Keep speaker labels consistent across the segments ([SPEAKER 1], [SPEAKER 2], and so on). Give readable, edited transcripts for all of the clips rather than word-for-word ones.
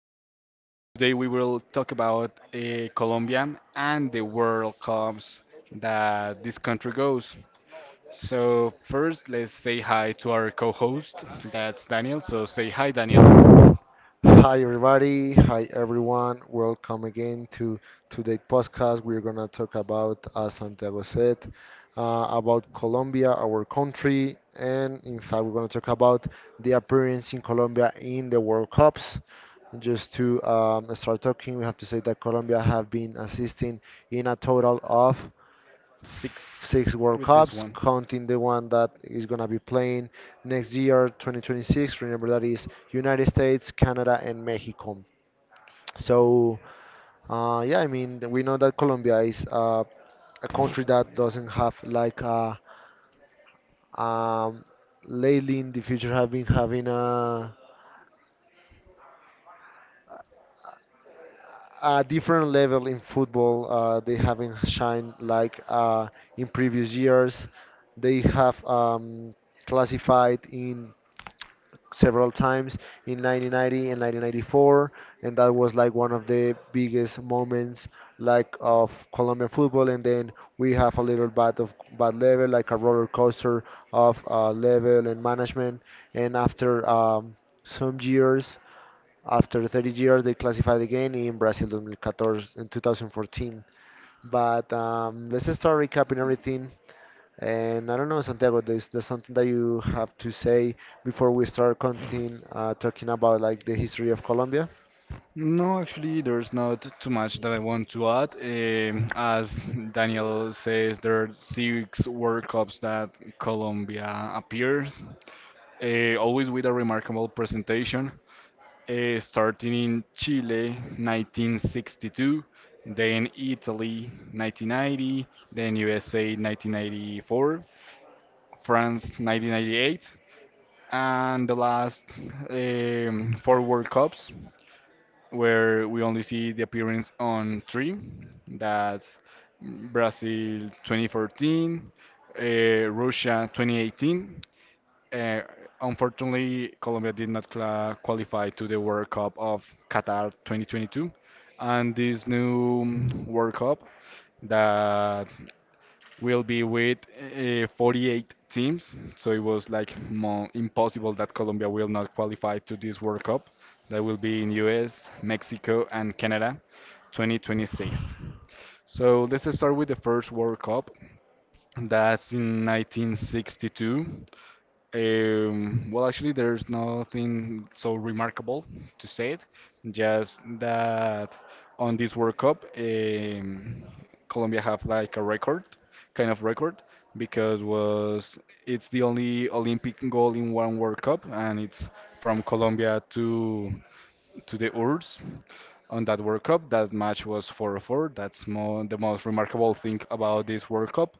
[SPEAKER 1] podcast. Today, we will talk about Colombia and the World Cups that this country goes. So, first, let's say hi to our co host. That's Daniel. So, say hi, Daniel.
[SPEAKER 2] Hi everybody, hi everyone. Welcome again to today's podcast. We're gonna talk about, as Santiago said, about Colombia, our country, and in fact, we're gonna talk about the appearance in Colombia in the World Cups. Just to start talking, we have to say that Colombia have been assisting in a total of
[SPEAKER 1] Six
[SPEAKER 2] six World
[SPEAKER 1] with this
[SPEAKER 2] Cups,
[SPEAKER 1] one.
[SPEAKER 2] counting the one that is going to be playing next year, 2026. Remember that is United States, Canada, and Mexico. So yeah, I mean we know that Colombia is a country that doesn't have like a, um, lately in the future have been having a different level in football. They haven't shined like in previous years. They have classified in several times in 1990 and 1994, and that was like one of the biggest moments like of Colombian football. And then we have a little bit of bad level, like a roller coaster of level and management. And after some years, after 30 years, they classified again in Brazil 2014 in 2014. But let's start recapping everything and I don't know, Santiago, there's something that you have to say before we start continue talking about like the history of Colombia.
[SPEAKER 1] No, actually, there's not too much that I want to add. As Daniel says, there are six World Cups that Colombia appears, always with a remarkable presentation, starting in Chile 1962, then Italy 1990, then USA 1994, France 1998, and the last four World Cups, where we only see the appearance on three. That's Brazil 2014, uh, Russia 2018, uh, unfortunately, Colombia did not cla qualify to the World Cup of Qatar 2022, and this new World Cup that will be with 48 teams. So it was like more impossible that Colombia will not qualify to this World Cup. That will be in US, Mexico, and Canada 2026. So let's start with the first World Cup. That's in 1962. Well, actually, there's nothing so remarkable to say it, just that on this World Cup, Colombia have like a record, kind of record, because was it's the only Olympic goal in one World Cup, and it's from Colombia to the URSS on that World Cup. That match was 4-4. That's more the most remarkable thing about this World Cup.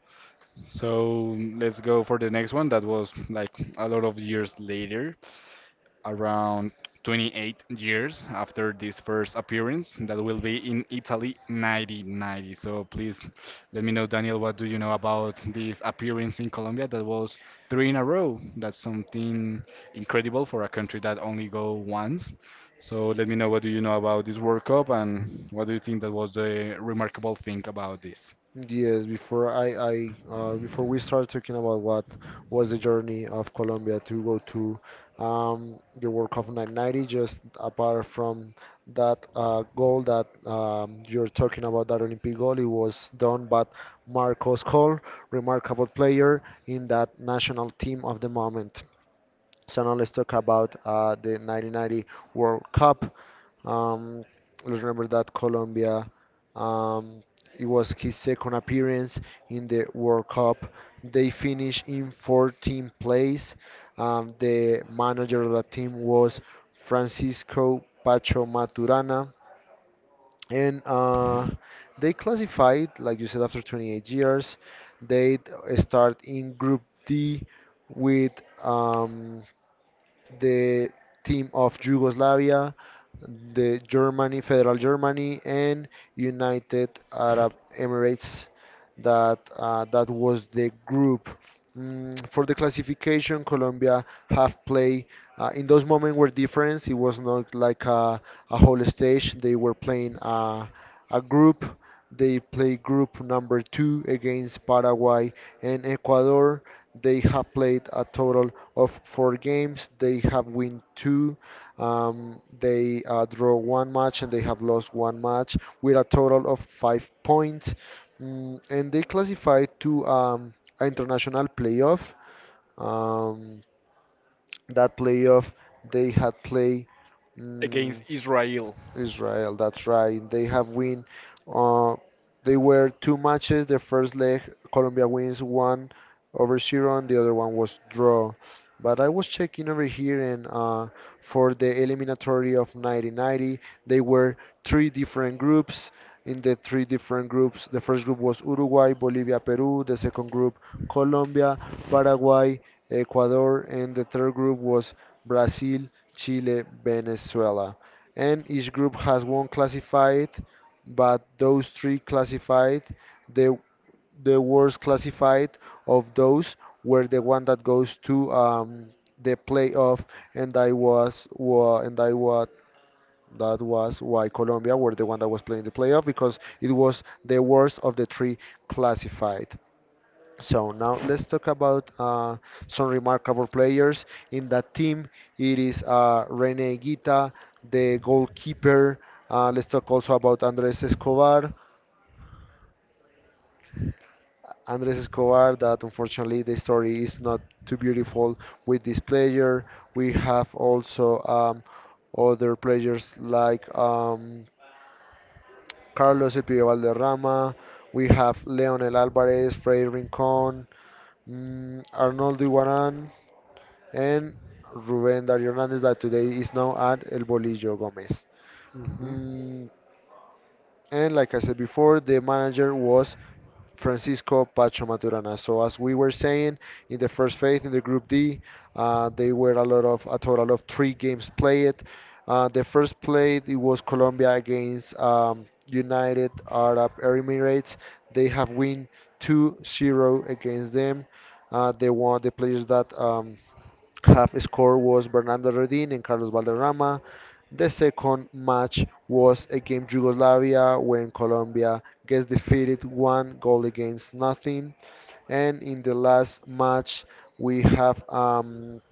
[SPEAKER 1] So let's go for the next one. That was like a lot of years later, around 28 years after this first appearance. That will be in Italy 1990. So please let me know, Daniel, what do you know about this appearance in Colombia? That was three in a row. That's something incredible for a country that only go once. So let me know what do you know about this World Cup and what do you think that was the remarkable thing about this.
[SPEAKER 2] Yes, before I before we start talking about what was the journey of Colombia to go to the World Cup of 1990, just apart from that goal that you're talking about, that Olympic goal, it was done by Marcos Cole, remarkable player in that national team of the moment. So now let's talk about the 1990 World Cup. Um, let's remember that Colombia, um, it was his second appearance in the World Cup. They finished in 14th place. The manager of the team was Francisco Pacho Maturana. And they classified, like you said, after 28 years. They start in Group D with. Um, the team of Yugoslavia, the Germany, Federal Germany, and United Arab Emirates. That was the group. Mm, for the classification, Colombia have play in those moments were different. It was not like a whole stage. They were playing a group. They play group number two against Paraguay in Ecuador. They have played a total of four games. They have win two. They draw one match and they have lost one match with a total of 5 points. Mm, and they classified to an international playoff. Um, that playoff they had play mm,
[SPEAKER 1] Against Israel?
[SPEAKER 2] Israel. That's right. They have win. Uh, they were two matches. The first leg, Colombia wins one over zero, and the other one was draw. But I was checking over here, and for the eliminatory of 1990, they were three different groups. In the three different groups, the first group was Uruguay, Bolivia, Peru. The second group, Colombia, Paraguay, Ecuador, and the third group was Brazil, Chile, Venezuela. And each group has one classified, but those three classified, the the worst classified of those were the one that goes to the playoff, and I was that was why Colombia were the one that was playing the playoff because it was the worst of the three classified. So now let's talk about some remarkable players in that team. It is Rene Guita, the goalkeeper. Let's talk also about Andres Escobar. Andres Escobar, that unfortunately the story is not too beautiful with this player. We have also other players like Carlos El Pibe Valderrama. We have Leonel Alvarez, Freddy Rincón, mm, Arnoldo Iguarán. And Ruben Dario Hernandez that today is now at El Bolillo Gomez.
[SPEAKER 1] Hmm.
[SPEAKER 2] Mm, and like I said before, the manager was Francisco Pacho Maturana. So as we were saying in the first phase in the Group D, they were a lot of a total of three games played. The first play it was Colombia against United Arab Emirates. They have win 2-0 against them. They won the players that half score was Bernardo Redin and Carlos Valderrama. The second match was against Yugoslavia when Colombia gets defeated one goal against nothing. And in the last match, we have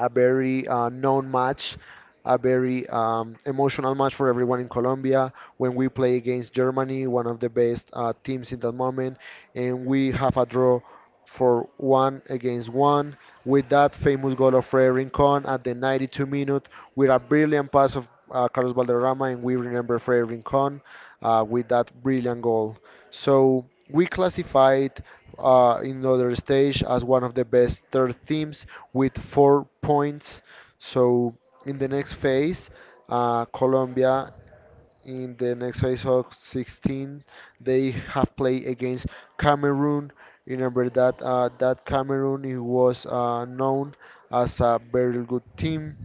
[SPEAKER 2] a very known match, a very emotional match for everyone in Colombia. When we play against Germany, one of the best teams in that moment, and we have a draw for one against one with that famous goal of Fred Rincon at the 92 minute with a brilliant pass of Carlos Valderrama, and we remember Freddy Rincon with that brilliant goal. So we classified in other stage as one of the best third teams with 4 points. So in the next phase, Colombia in the next phase of 16, they have played against Cameroon. Remember that Cameroon it was known as a very good team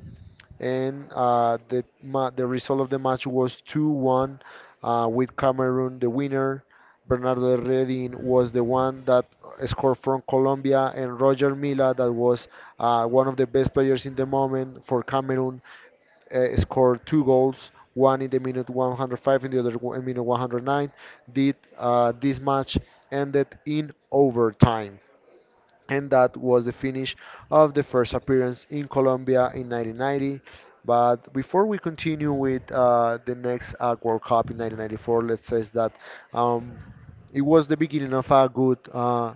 [SPEAKER 2] and the result of the match was 2-1 with Cameroon the winner. Bernardo Redin was the one that scored from Colombia, and Roger Mila, that was one of the best players in the moment for Cameroon, scored two goals, one in the minute 105 and the other one in minute 109. Did this match ended in overtime? And that was the finish of the first appearance in Colombia in 1990. But before we continue with the next World Cup in 1994, let's say that um, it was the beginning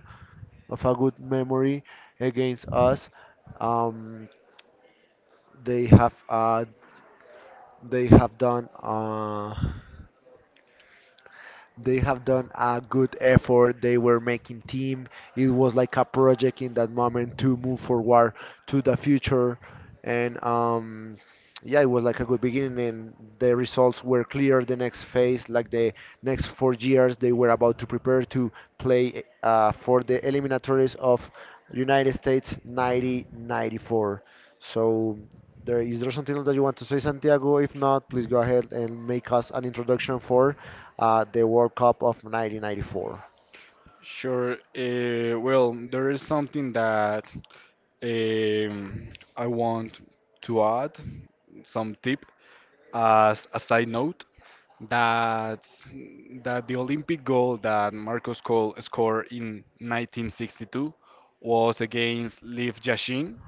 [SPEAKER 2] of a good memory against us. Um, they have uh, they have done. Uh, they have done a good effort. They were making team. It was like a project in that moment to move forward to the future. And yeah, it was like a good beginning, and the results were clear. The next phase, like the next 4 years, they were about to prepare to play for the eliminatories of United States 90 94. So there something else that you want to say, Santiago? If not, please go ahead and make us an introduction for the World Cup of 1994.
[SPEAKER 1] Sure. Well, there is something that um, I want to add, some tip as a side note that that the Olympic goal that Marcus Cole scored in 1962 was against Lev Yashin.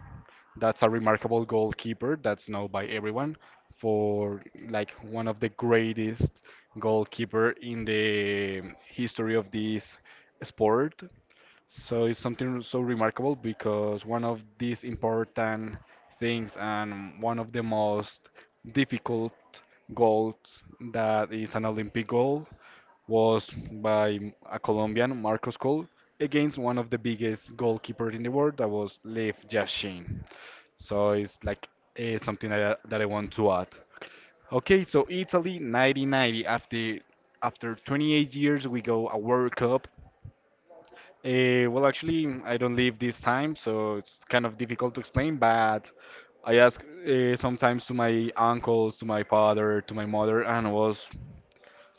[SPEAKER 1] That's a remarkable goalkeeper that's known by everyone for like one of the greatest goalkeeper in the history of this sport. So it's something so remarkable because one of these important things and one of the most difficult goals that is an Olympic goal was by a Colombian, Marcos Col, against one of the biggest goalkeepers in the world, that was Lev Yashin. So it's like something that I want to add. Okay, so Italy 1990, after 28 years we go a World Cup. Well, actually, I don't live this time, so it's kind of difficult to explain, but I ask sometimes to my uncles, to my father, to my mother, and it was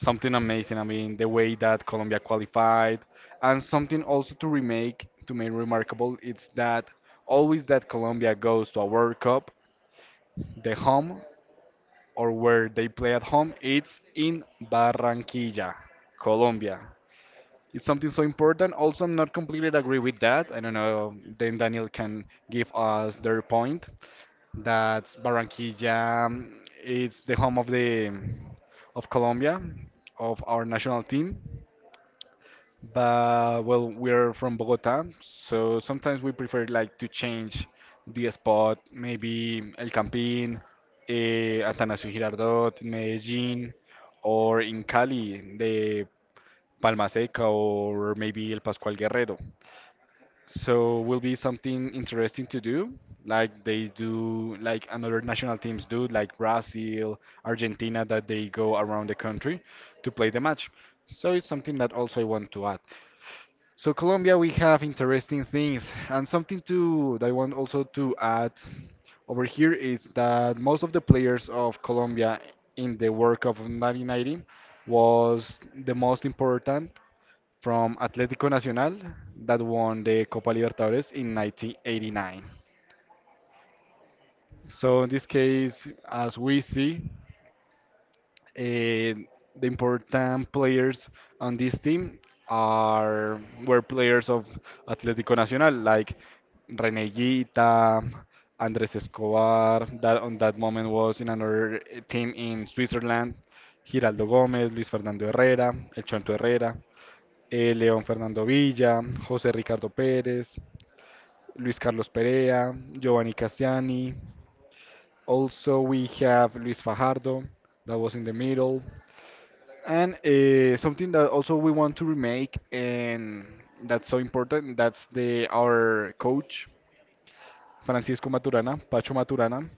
[SPEAKER 1] something amazing. I mean, the way that Colombia qualified, and something also to remake, to make remarkable, it's that always that Colombia goes to a World Cup, the home or where they play at home, it's in Barranquilla, Colombia. It's something so important. Also, I'm not completely agree with that. I don't know. Then Daniel can give us their point that Barranquilla is the home of the of Colombia, of our national team. But well, we're from Bogota, so sometimes we prefer like to change the spot, maybe El Campín, Atanasio Girardot in Medellín, or in Cali. The Palma Seca or maybe El Pascual Guerrero. So will be something interesting to do, like they do, like another national teams do, like Brazil, Argentina, that they go around the country to play the match. So it's something that also I want to add. So Colombia, we have interesting things, and something to that I want also to add over here is that most of the players of Colombia in the World Cup of 1990 was the most important from Atlético Nacional that won the Copa Libertadores in 1989. So in this case, as we see, Eh, the important players on this team are were players of Atlético Nacional, like René Guita, Andrés Escobar. That on that moment was in another team in Switzerland. Giraldo Gómez, Luis Fernando Herrera, El Chonto Herrera, León Fernando Villa, José Ricardo Pérez, Luis Carlos Perea, Giovanni Cassiani. Also, we have Luis Fajardo, that was in the middle. And something that also we want to remake, and that's so important, that's the our coach, Francisco Maturana, Pacho Maturana.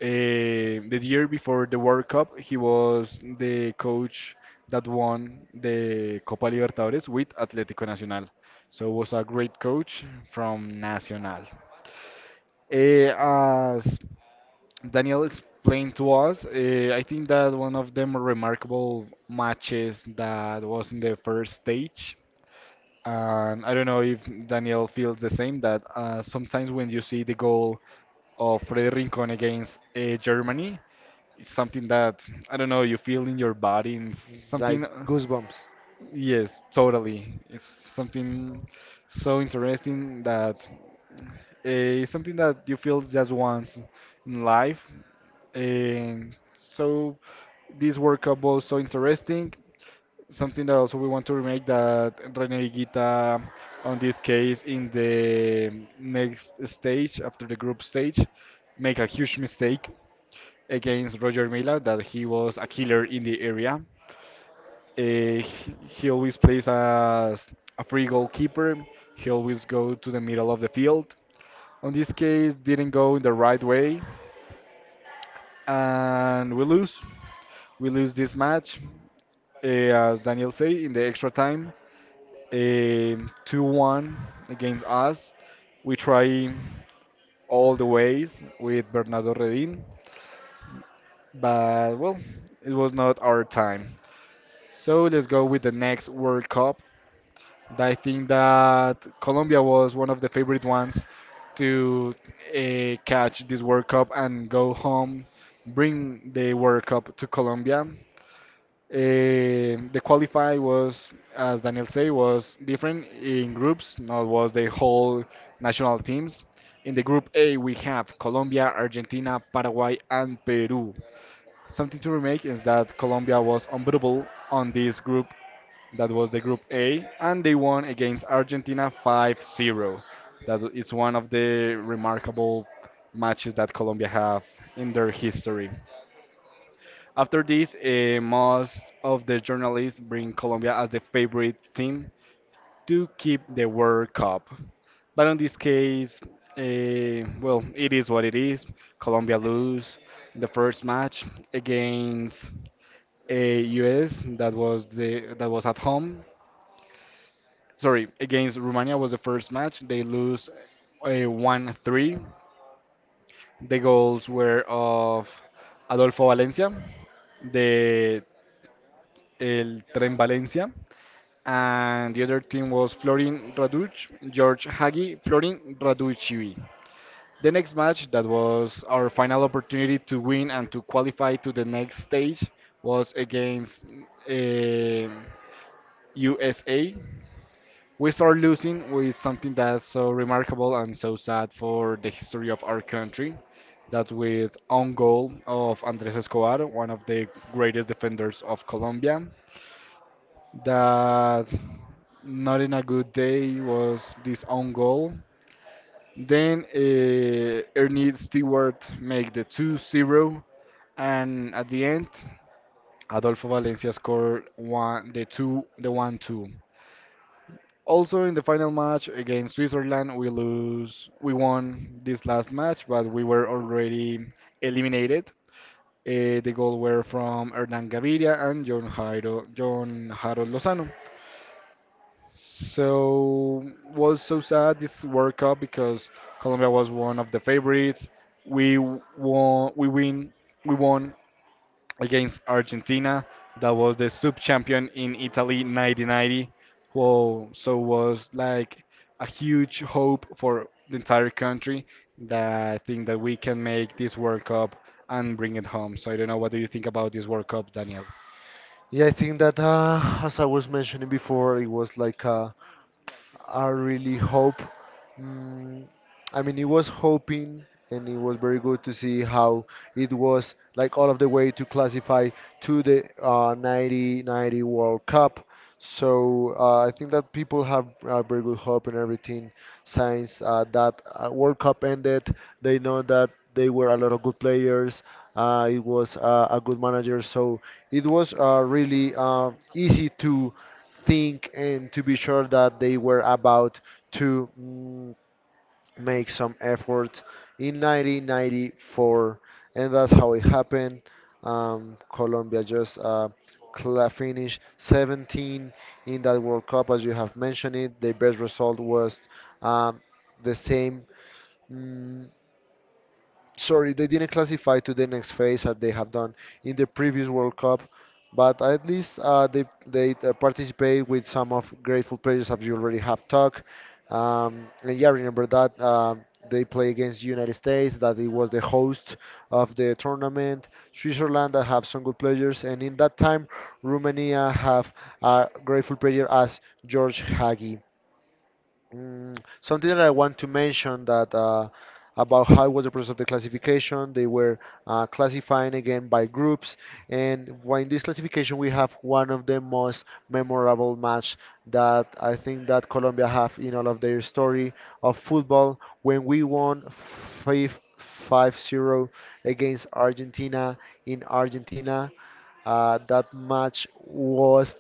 [SPEAKER 1] The year before the World Cup, he was the coach that won the Copa Libertadores with Atlético Nacional. So was a great coach from Nacional. As Daniel explained to us, I think that one of the more remarkable matches that was in the first stage, and I don't know if Daniel feels the same, that sometimes when you see the goal of Freddy Rincon against Germany, it's something that, I don't know, you feel in your body, and
[SPEAKER 2] Like
[SPEAKER 1] something,
[SPEAKER 2] goosebumps.
[SPEAKER 1] yes, totally. It's something so interesting that. It's something that you feel just once in life. And so this World Cup was so interesting. Something that also we want to remake that Rene Guita, on this case, in the next stage after the group stage, make a huge mistake against Roger Mila that he was a killer in the area. Uh, he always plays as a free goalkeeper. He always go to the middle of the field. On this case, didn't go in the right way, and we lose. We lose this match, uh, as Daniel say, in the extra time, 2-1 against us. We try all the ways with Bernardo Redin, but well, it was not our time. So let's go with the next World Cup. I think that Colombia was one of the favorite ones to catch this World Cup and go home, bring the World Cup to Colombia. The qualify was, as Daniel say, was different in groups, not was the whole national teams. In the group A, we have Colombia, Argentina, Paraguay, and Peru. Something to remake is that Colombia was unbeatable on this group. That was the group A, and they won against Argentina 5-0. That is one of the remarkable matches that Colombia have in their history. After this, most of the journalists bring Colombia as the favorite team to keep the World Cup. But in this case, well, it is what it is. Colombia lose the first match against US. That was the that was at home. Sorry, against Romania was the first match. They lose 1-3. The goals were of Adolfo Valencia, the El Tren Valencia, and the other team was Florin Raduch, George Hagi, Florin Raducivi. The next match that was our final opportunity to win and to qualify to the next stage was against eh, USA. We start losing with something that's so remarkable and so sad for the history of our country, that with own goal of Andres Escobar, one of the greatest defenders of Colombia, that not in a good day was this own goal. Then Ernie Stewart make the 2-0, and at the end Adolfo Valencia scored 1-2. Also in the final match against Switzerland, we won this last match, but we were already eliminated. The goal were from Hernan Gaviria and John Harold Lozano. So was so sad this World Cup because Colombia was one of the favorites. Won. We win. We won against Argentina. That was the sub-champion in Italy 1990. Whoa! So was like a huge hope for the entire country that I think that we can make this World Cup and bring it home. So I don't know. What do you think about this World Cup, Daniel?
[SPEAKER 2] Yeah, I think that as I was mentioning before, it was like a really hope. Mm, I mean, it was hoping and it was very good to see how it was like all of the way to classify to the 90 ninety World Cup. So I think that people have very good hope and everything. Since that World Cup ended, they know that they were a lot of good players. It was a good manager, so it was really easy to think and to be sure that they were about to. Mm, make some effort in 1994, and that's how it happened. Colombia just finished 17 in that World Cup, as you have mentioned it. The best result was um, the same. Mm, sorry, they didn't classify to the next phase as they have done in the previous World Cup, but at least they participate with some of grateful players as you already have talked. And yeah, remember that they play against United States, that it was the host of the tournament. Switzerland that have some good players, and in that time, Romania have a grateful player as George Hagi. Mm, something that I want to mention that about how was the process of the classification. They were classifying again by groups, and while in this classification we have one of the most memorable match that I think that Colombia have in all of their story of football when we won 5 5-0 against Argentina in Argentina. That match was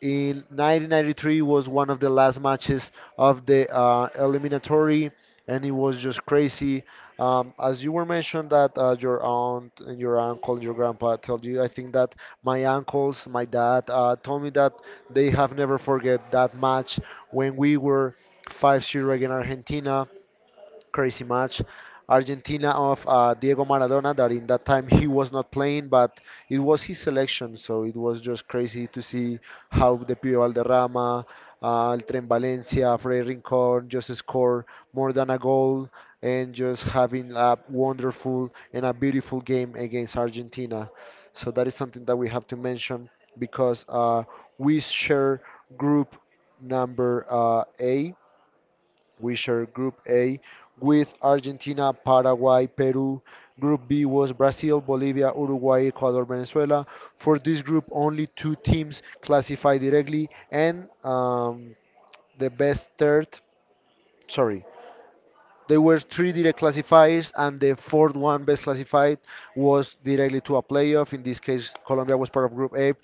[SPEAKER 2] in 1993 was one of the last matches of the eliminatory, and it was just crazy. As you were mentioned that your aunt and your uncle and your grandpa told you, I think that my uncles, my dad, told me that they have never forget that match when we were 5-0 against Argentina crazy match. Argentina of Diego Maradona, that in that time he was not playing, but it was his selection, so it was just crazy to see how the Pío Valderrama, El Tren Valencia, Fred Rincón just score more than a goal and just having a wonderful and a beautiful game against Argentina. So that is something that we have to mention because we share group number uh, A we shared Group A with Argentina, Paraguay, Peru. Group B was Brazil, Bolivia, Uruguay, Ecuador, Venezuela. For this group, only two teams classified directly, and the best third, sorry, there were three direct classifiers, and the fourth one, best classified, was directly to a playoff. In this case, Colombia was part of Group A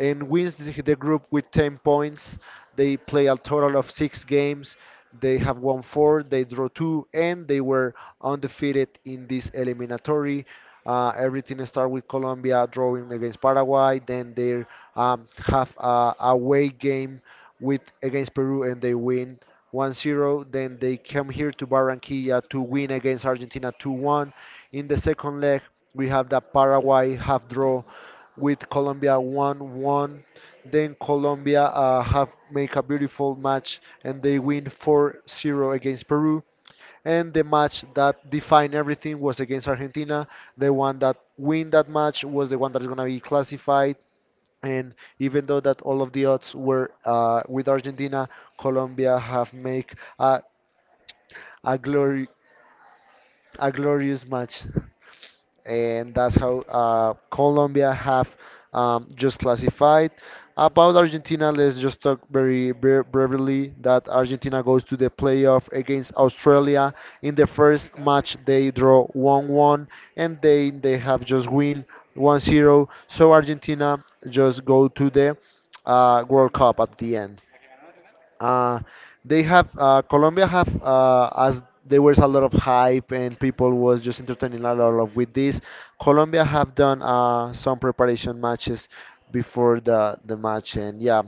[SPEAKER 2] and wins the group with 10 points. They play a total of six games. They have won four, they draw two, and they were undefeated in this eliminatory. Everything started with Colombia drawing against Paraguay. Then they have a away game with against Peru, and they win 1-0. Then they come here to Barranquilla to win against Argentina 2-1. In the second leg, we have the Paraguay half draw with Colombia 1-1. Then Colombia have make a beautiful match and they win 4-0 against Peru. And the match that defined everything was against Argentina. The one that win that match was the one that is gonna be classified, and even though that all of the odds were with Argentina, Colombia have made a, a glory a glorious match, and that's how Colombia have just classified. About Argentina, let's just talk very briefly that Argentina goes to the playoff against Australia. In the first match, they draw 1-1, and then they have just win 1-0. So Argentina just go to the World Cup at the end. Uh, they have Colombia have as there was a lot of hype and people was just entertaining a lot of with this. Colombia have done some preparation matches before the match, and yeah,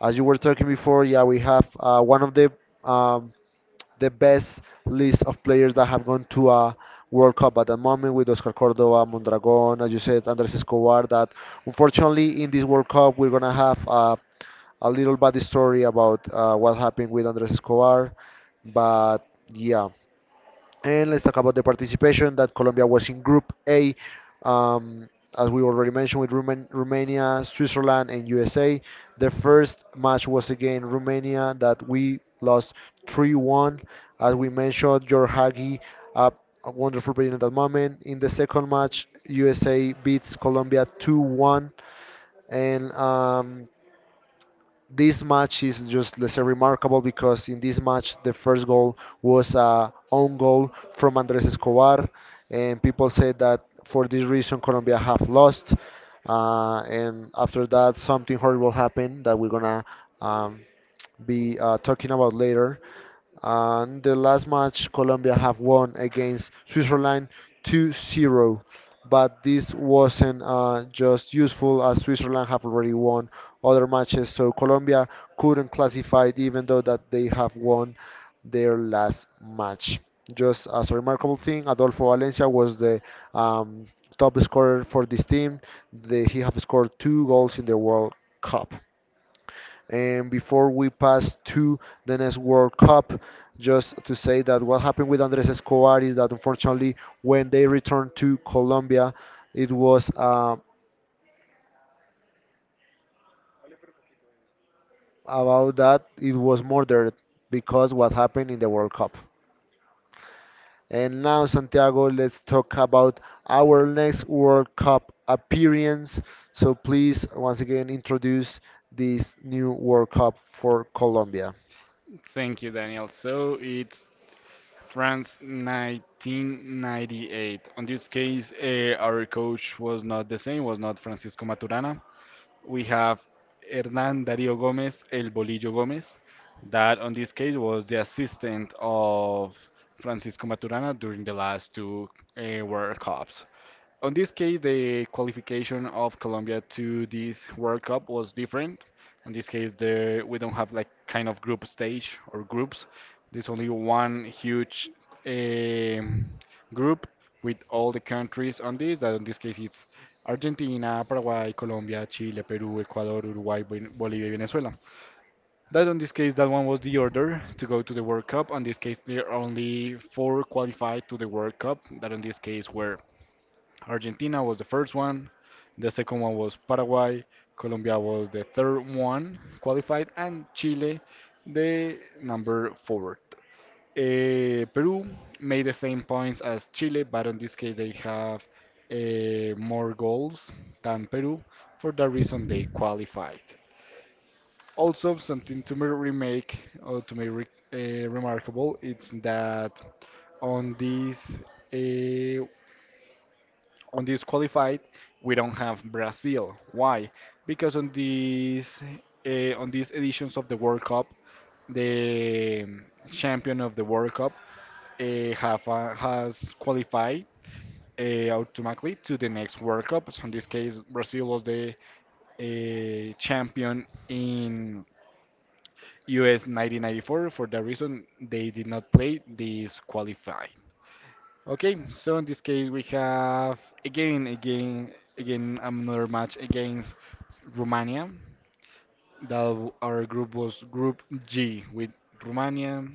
[SPEAKER 2] as you were talking before, yeah, we have one of um, the best list of players that have gone to a World Cup at the moment with Oscar Cordova, Mondragon, as you said, Andres Escobar. That unfortunately in this World Cup we're gonna have a little bad story about what happened with Andres Escobar, but yeah. And let's talk about the participation that Colombia was in Group A, um, as we already mentioned, with Romania, Switzerland, and USA. The first match was against Romania that we lost 3-1. As we mentioned, George Hagi, uh, a wonderful player at that moment. In the second match, USA beats Colombia 2-1, and this match is just let's say remarkable because in this match the first goal was a own goal from Andres Escobar, and people said that for this reason Colombia have lost, and after that something horrible happened that we're gonna um, be talking about later. And the last match, Colombia have won against Switzerland 2-0. But this wasn't just useful as Switzerland have already won other matches, so Colombia couldn't classify even though that they have won their last match. Just as a remarkable thing, Adolfo Valencia was the um, top scorer for this team. They, he have scored two goals in the World Cup. And before we pass to the next World Cup, just to say that what happened with Andres Escobar is that unfortunately, when they returned to Colombia, it was about that it was murdered because what happened in the World Cup. And now, Santiago, let's talk about our next World Cup appearance. So please, once again, introduce this new World Cup for Colombia.
[SPEAKER 1] Thank you, Daniel. So it's France 1998. On this case, our coach was not the same, was not Francisco Maturana. We have Hernán Darío Gómez, El Bolillo Gómez, that on this case was the assistant of Francisco Maturana during the last two World Cups. On this case, the qualification of Colombia to this World Cup was different. In this case, we don't have like kind of group stage or groups. There's only one huge um group with all the countries on this. That in this case, it's Argentina, Paraguay, Colombia, Chile, Peru, Ecuador, Uruguay, Bolivia, Venezuela. That in this case, that one was the order to go to the World Cup. In this case, there are only four qualified to the World Cup. That in this case were Argentina was the first one, the second one was Paraguay, Colombia was the third one qualified, and Chile the number fourth. Peru made the same points as Chile, but in this case they have more goals than Peru. For that reason, they qualified. Also, something to me remake or to make re remarkable, it's that on this uh, on this qualified we don't have Brazil. Why? Because on these editions of the World Cup, the champion of the World Cup have has qualified automatically to the next World Cup. So in this case, Brazil was the champion in US 1994, for the reason they did not play this qualifying. Okay, so in this case we have again another match against Romania. That our group was Group G with Romania,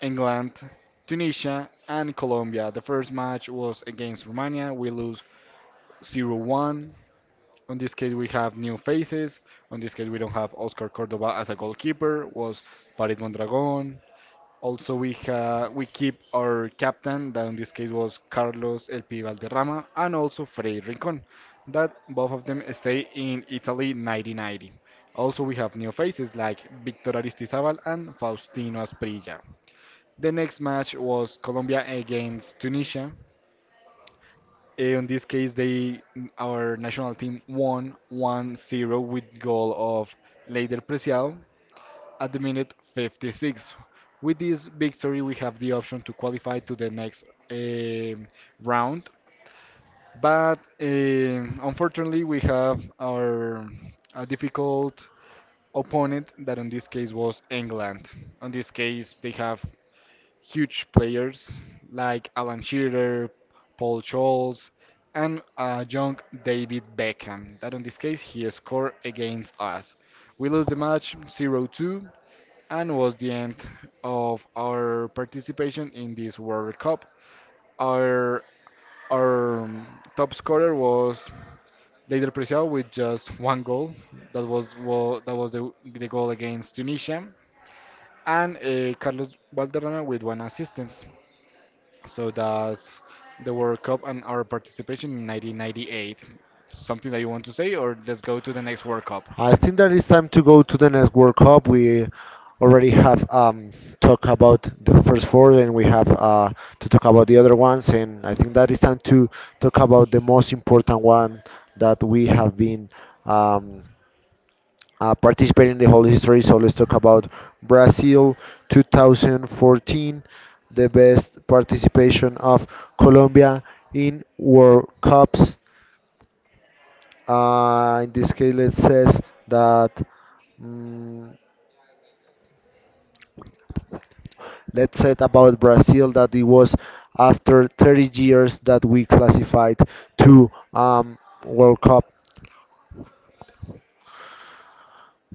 [SPEAKER 1] England, Tunisia, and Colombia. The first match was against Romania. We lose 0-1. On this case, we have new faces. On this case, we don't have Oscar Cordoba as a goalkeeper. Was Farid Mondragon. Also, we keep our captain, that in this case was Carlos El Pi Valderrama, and also Freddy Rincon. That both of them stay in Italy 1990. Also, we have new faces like Victor Aristizábal and Faustino Asprilla. The next match was Colombia against Tunisia. In this case, they our national team won 1-0 with goal of Leider Preciado at the minute 56. With this victory, we have the option to qualify to the next um round. But unfortunately, we have our a difficult opponent that in this case was England. In this case, they have huge players like Alan Shearer, Paul Scholes, and young David Beckham. That in this case he scored against us. We lost the match 0-2 and was the end of our participation in this World Cup. Our our top scorer was Leider Preciado with just one goal. That was the goal against Tunisia and Carlos Valderrama with one assistance. So that's the World Cup and our participation in 1998. Something that you want to say, or let's go to the next World Cup?
[SPEAKER 2] I think that it's time to go to the next World Cup. We already have talked about the first four, and we have to talk about the other ones. And I think that it's time to talk about the most important one that we have been um, participating in the whole history. So let's talk about Brazil 2014, the best participation of Colombia in World Cups. In this case, let's says that mm let's say about Brazil that it was after 30 years that we classified to World Cup.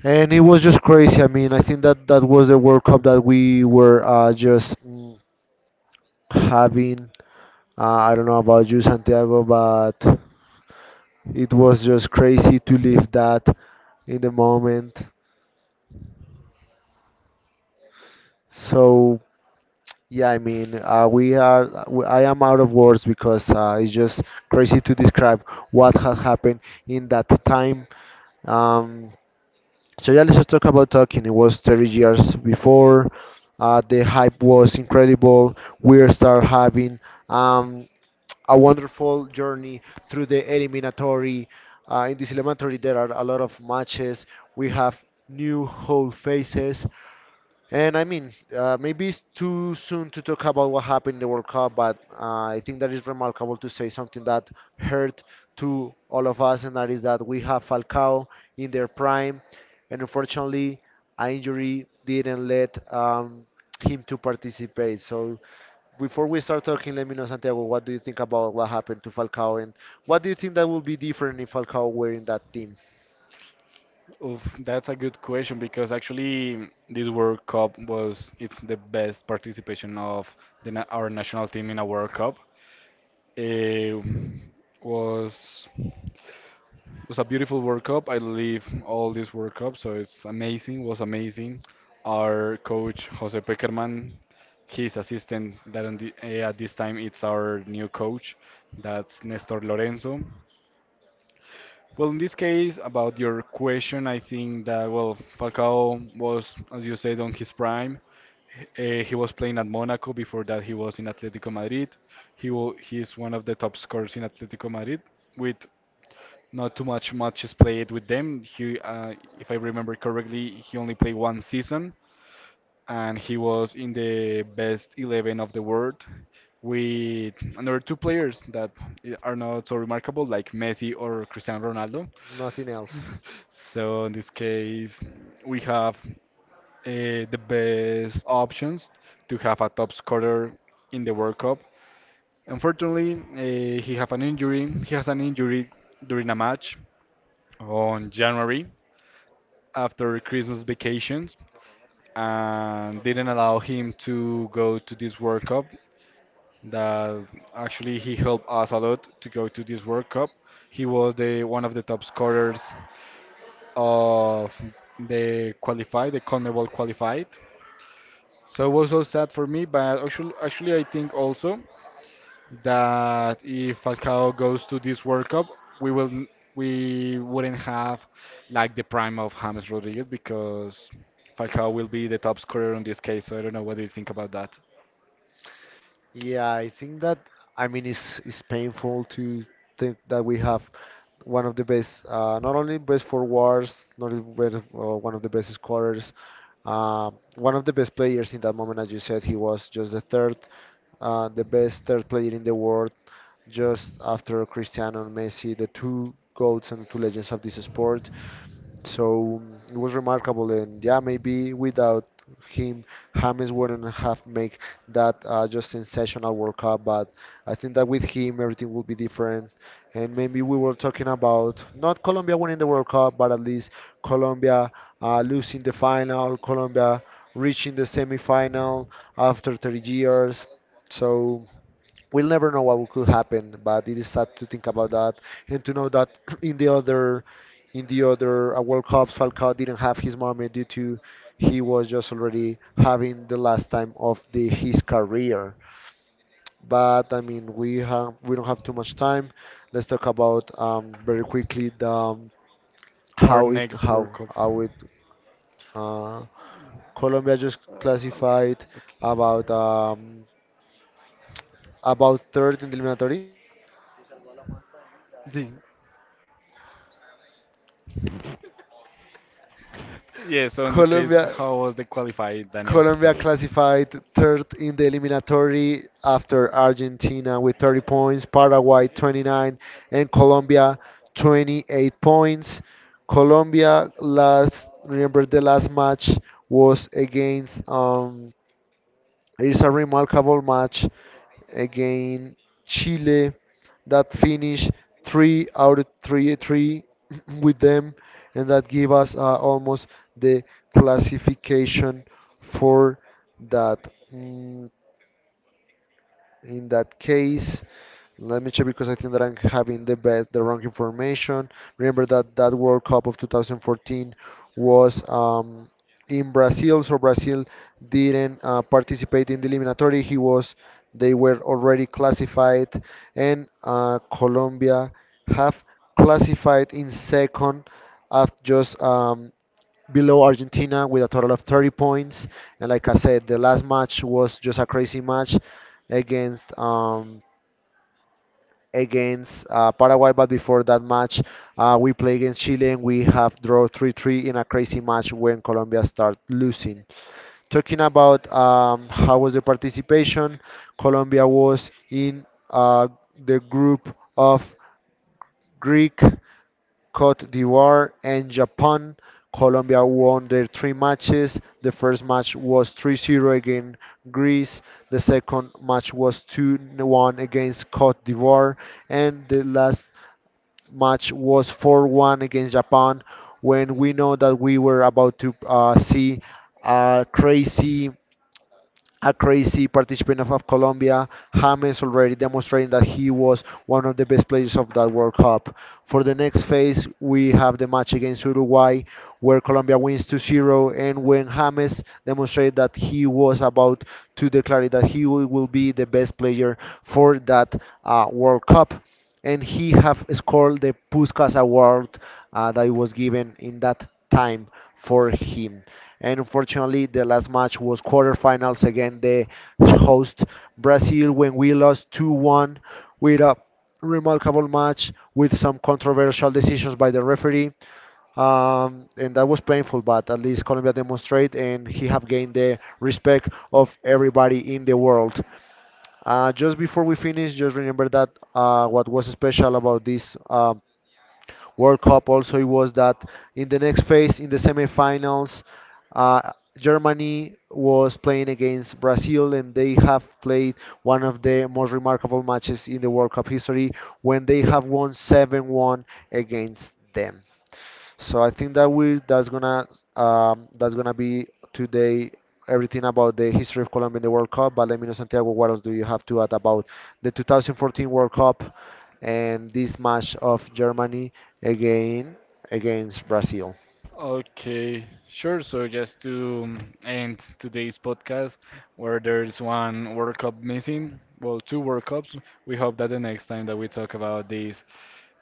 [SPEAKER 2] And it was just crazy. I mean, I think that that was the World Cup that we were just having. I don't know about you, Santiago, but it was just crazy to live that in the moment. So yeah, I mean, I am out of words because it's just crazy to describe what had happened in that time. Um, so yeah, let's just talk about talking. It was 30 years before. The hype was incredible. We start having um, a wonderful journey through the eliminatory. In this eliminatory, there are a lot of matches. We have new whole faces. And I mean, maybe it's too soon to talk about what happened in the World Cup, but I think that is remarkable to say something that hurt to all of us, and that is that we have Falcao in their prime, and unfortunately, an injury didn't let him to participate. So before we start talking, let me know, Santiago, what do you think about what happened to Falcao, and what do you think that will be different if Falcao were in that team?
[SPEAKER 1] Oof, that's a good question because actually this World Cup was it's the best participation of our national team in a World Cup. It was was a beautiful World Cup. I live all this World Cup, so it's amazing. Was amazing. Our coach Jose Peckerman, his assistant that at this time it's our new coach, that's Nestor Lorenzo. Well, in this case, about your question, I think that, well, Falcao was, as you said, on his prime. He was playing at Monaco. Before that, he was in Atletico Madrid. He is one of the top scorers in Atletico Madrid with not too much matches played with them. If I remember correctly, he only played one season, and he was in the best 11 of the world with another two players that are not so remarkable, like Messi or Cristiano Ronaldo.
[SPEAKER 2] Nothing else.
[SPEAKER 1] So in this case, we have the best options to have a top scorer in the World Cup. Unfortunately, he have an injury. He has an injury during a match on January, after Christmas vacations, and didn't allow him to go to this World Cup that actually he helped us a lot to go to this World Cup. He was the one of the top scorers of the CONMEBOL qualified. So it was so sad for me, but actually I think also that if Falcao goes to this World Cup, we wouldn't have like the prime of James Rodriguez because Falcao will be the top scorer in this case. So I don't know what do you think about that.
[SPEAKER 2] Yeah, I think that I mean it's painful to think that we have one of the best, not only best forwards, not only best, one of the best scorers, one of the best players in that moment. As you said, he was just the third, the best third player in the world, just after Cristiano and Messi, the two goats and two legends of this sport. So mm, it was remarkable, and yeah, maybe without him, James wouldn't have made that just sensational World Cup. But I think that with him, everything would be different. And maybe we were talking about not Colombia winning the World Cup, but at least Colombia losing the final, Colombia reaching the semifinal after 30 years. So we'll never know what could happen, but it is sad to think about that and to know that in the other world cups Falcao didn't have his moment due to he was just already having the last time of the his career. But I mean, we don't have too much time. Let's talk about very quickly the
[SPEAKER 1] Our
[SPEAKER 2] how it
[SPEAKER 1] next
[SPEAKER 2] how
[SPEAKER 1] World Cup.
[SPEAKER 2] how it uh, Colombia just classified about um, about third in the eliminatory.
[SPEAKER 1] The- Yeah, so in this case,
[SPEAKER 2] Colombia
[SPEAKER 1] how was the qualified, Daniel?
[SPEAKER 2] Colombia classified third in the eliminatory after Argentina with 30 points, Paraguay 29, and Colombia 28 points. Colombia last remember the last match was against it's a remarkable match against Chile that finished three out of three, three with them, and that give us almost the classification for that. Mm, in that case, let me check because I think that I'm having the wrong information. Remember that that World Cup of 2014 was in Brazil, so Brazil didn't participate in the eliminatory. They were already classified, and Colombia have classified in second after just below Argentina with a total of 30 points. And like I said, the last match was just a crazy match against Paraguay. But before that match, we play against Chile and we have draw 3-3 in a crazy match when Colombia start losing. Talking about how was the participation, Colombia was in uh, the group of Greek, Cote d'Ivoire, and Japan. Colombia won their three matches. The first match was 3-0 against Greece. The second match was 2-1 against Cote d'Ivoire, and the last match was 4-1 against Japan when we know that we were about to see a crazy a crazy participant of Colombia, James already demonstrating that he was one of the best players of that World Cup. For the next phase, we have the match against Uruguay, where Colombia wins 2-0, and when James demonstrated that he was about to declare that he will be the best player for that World Cup. And he have scored the Puskas Award that was given in that time for him. And unfortunately, the last match was quarterfinals against the host Brazil when we lost 2-1 with a remarkable match with some controversial decisions by the referee. And that was painful, but at least Colombia demonstrate and he have gained the respect of everybody in the world. Just before we finish, just remember that what was special about this World Cup also it was that in the next phase, in the semifinals, uh, Germany was playing against Brazil, and they have played one of the most remarkable matches in the World Cup history when they have won 7-1 against them. So I think that we that's gonna be today everything about the history of Colombia in the World Cup. But let me know, Santiago, what else do you have to add about the 2014 World Cup and this match of Germany again against Brazil?
[SPEAKER 1] Okay, sure. So just to end today's podcast, where there's one World Cup missing, well, two World Cups. We hope that the next time that we talk about this,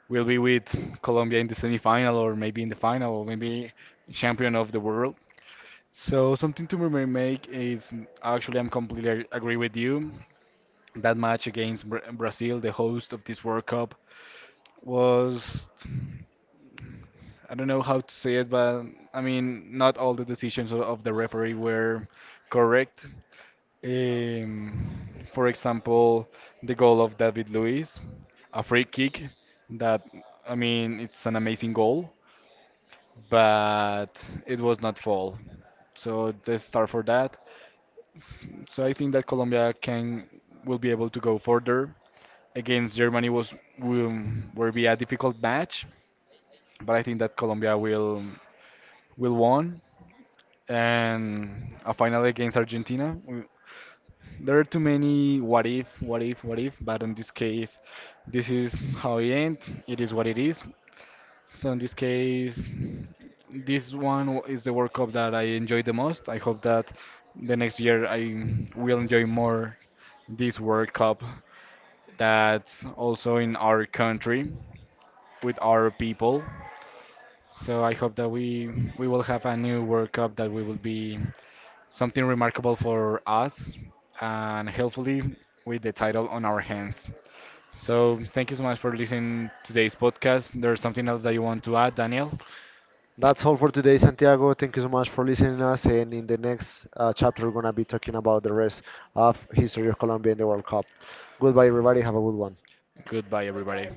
[SPEAKER 1] we'll be with Colombia in the semifinal, or maybe in the final, or maybe champion of the world. So something to remake is actually I'm completely agree with you. That match against Brazil, the host of this World Cup, was I don't know how to say it, but I mean, not all the decisions of the referee were correct. Um, for example, the goal of David Luiz, a free kick that, I mean, it's an amazing goal, but it was not fall. So they start for that. So I think that Colombia can will be able to go further. Against Germany will be a difficult match, but I think that Colombia will won. And a final against Argentina. There are too many what if, but in this case, this is how it ends. It is what it is. So in this case, is the World Cup that I enjoy the most. I hope that the next year I will enjoy more this World Cup that's also in our country with our people. So I hope that we will have a new World Cup that we will be something remarkable for us, and hopefully with the title on our hands. So thank you so much for listening to today's podcast. There's something else that you want to add, Daniel?
[SPEAKER 2] That's all for today, Santiago. Thank you so much for listening to us. And in the next chapter, we're gonna be talking about the rest of history of Colombia in the World Cup. Goodbye, everybody. Have a good one.
[SPEAKER 1] Goodbye, everybody.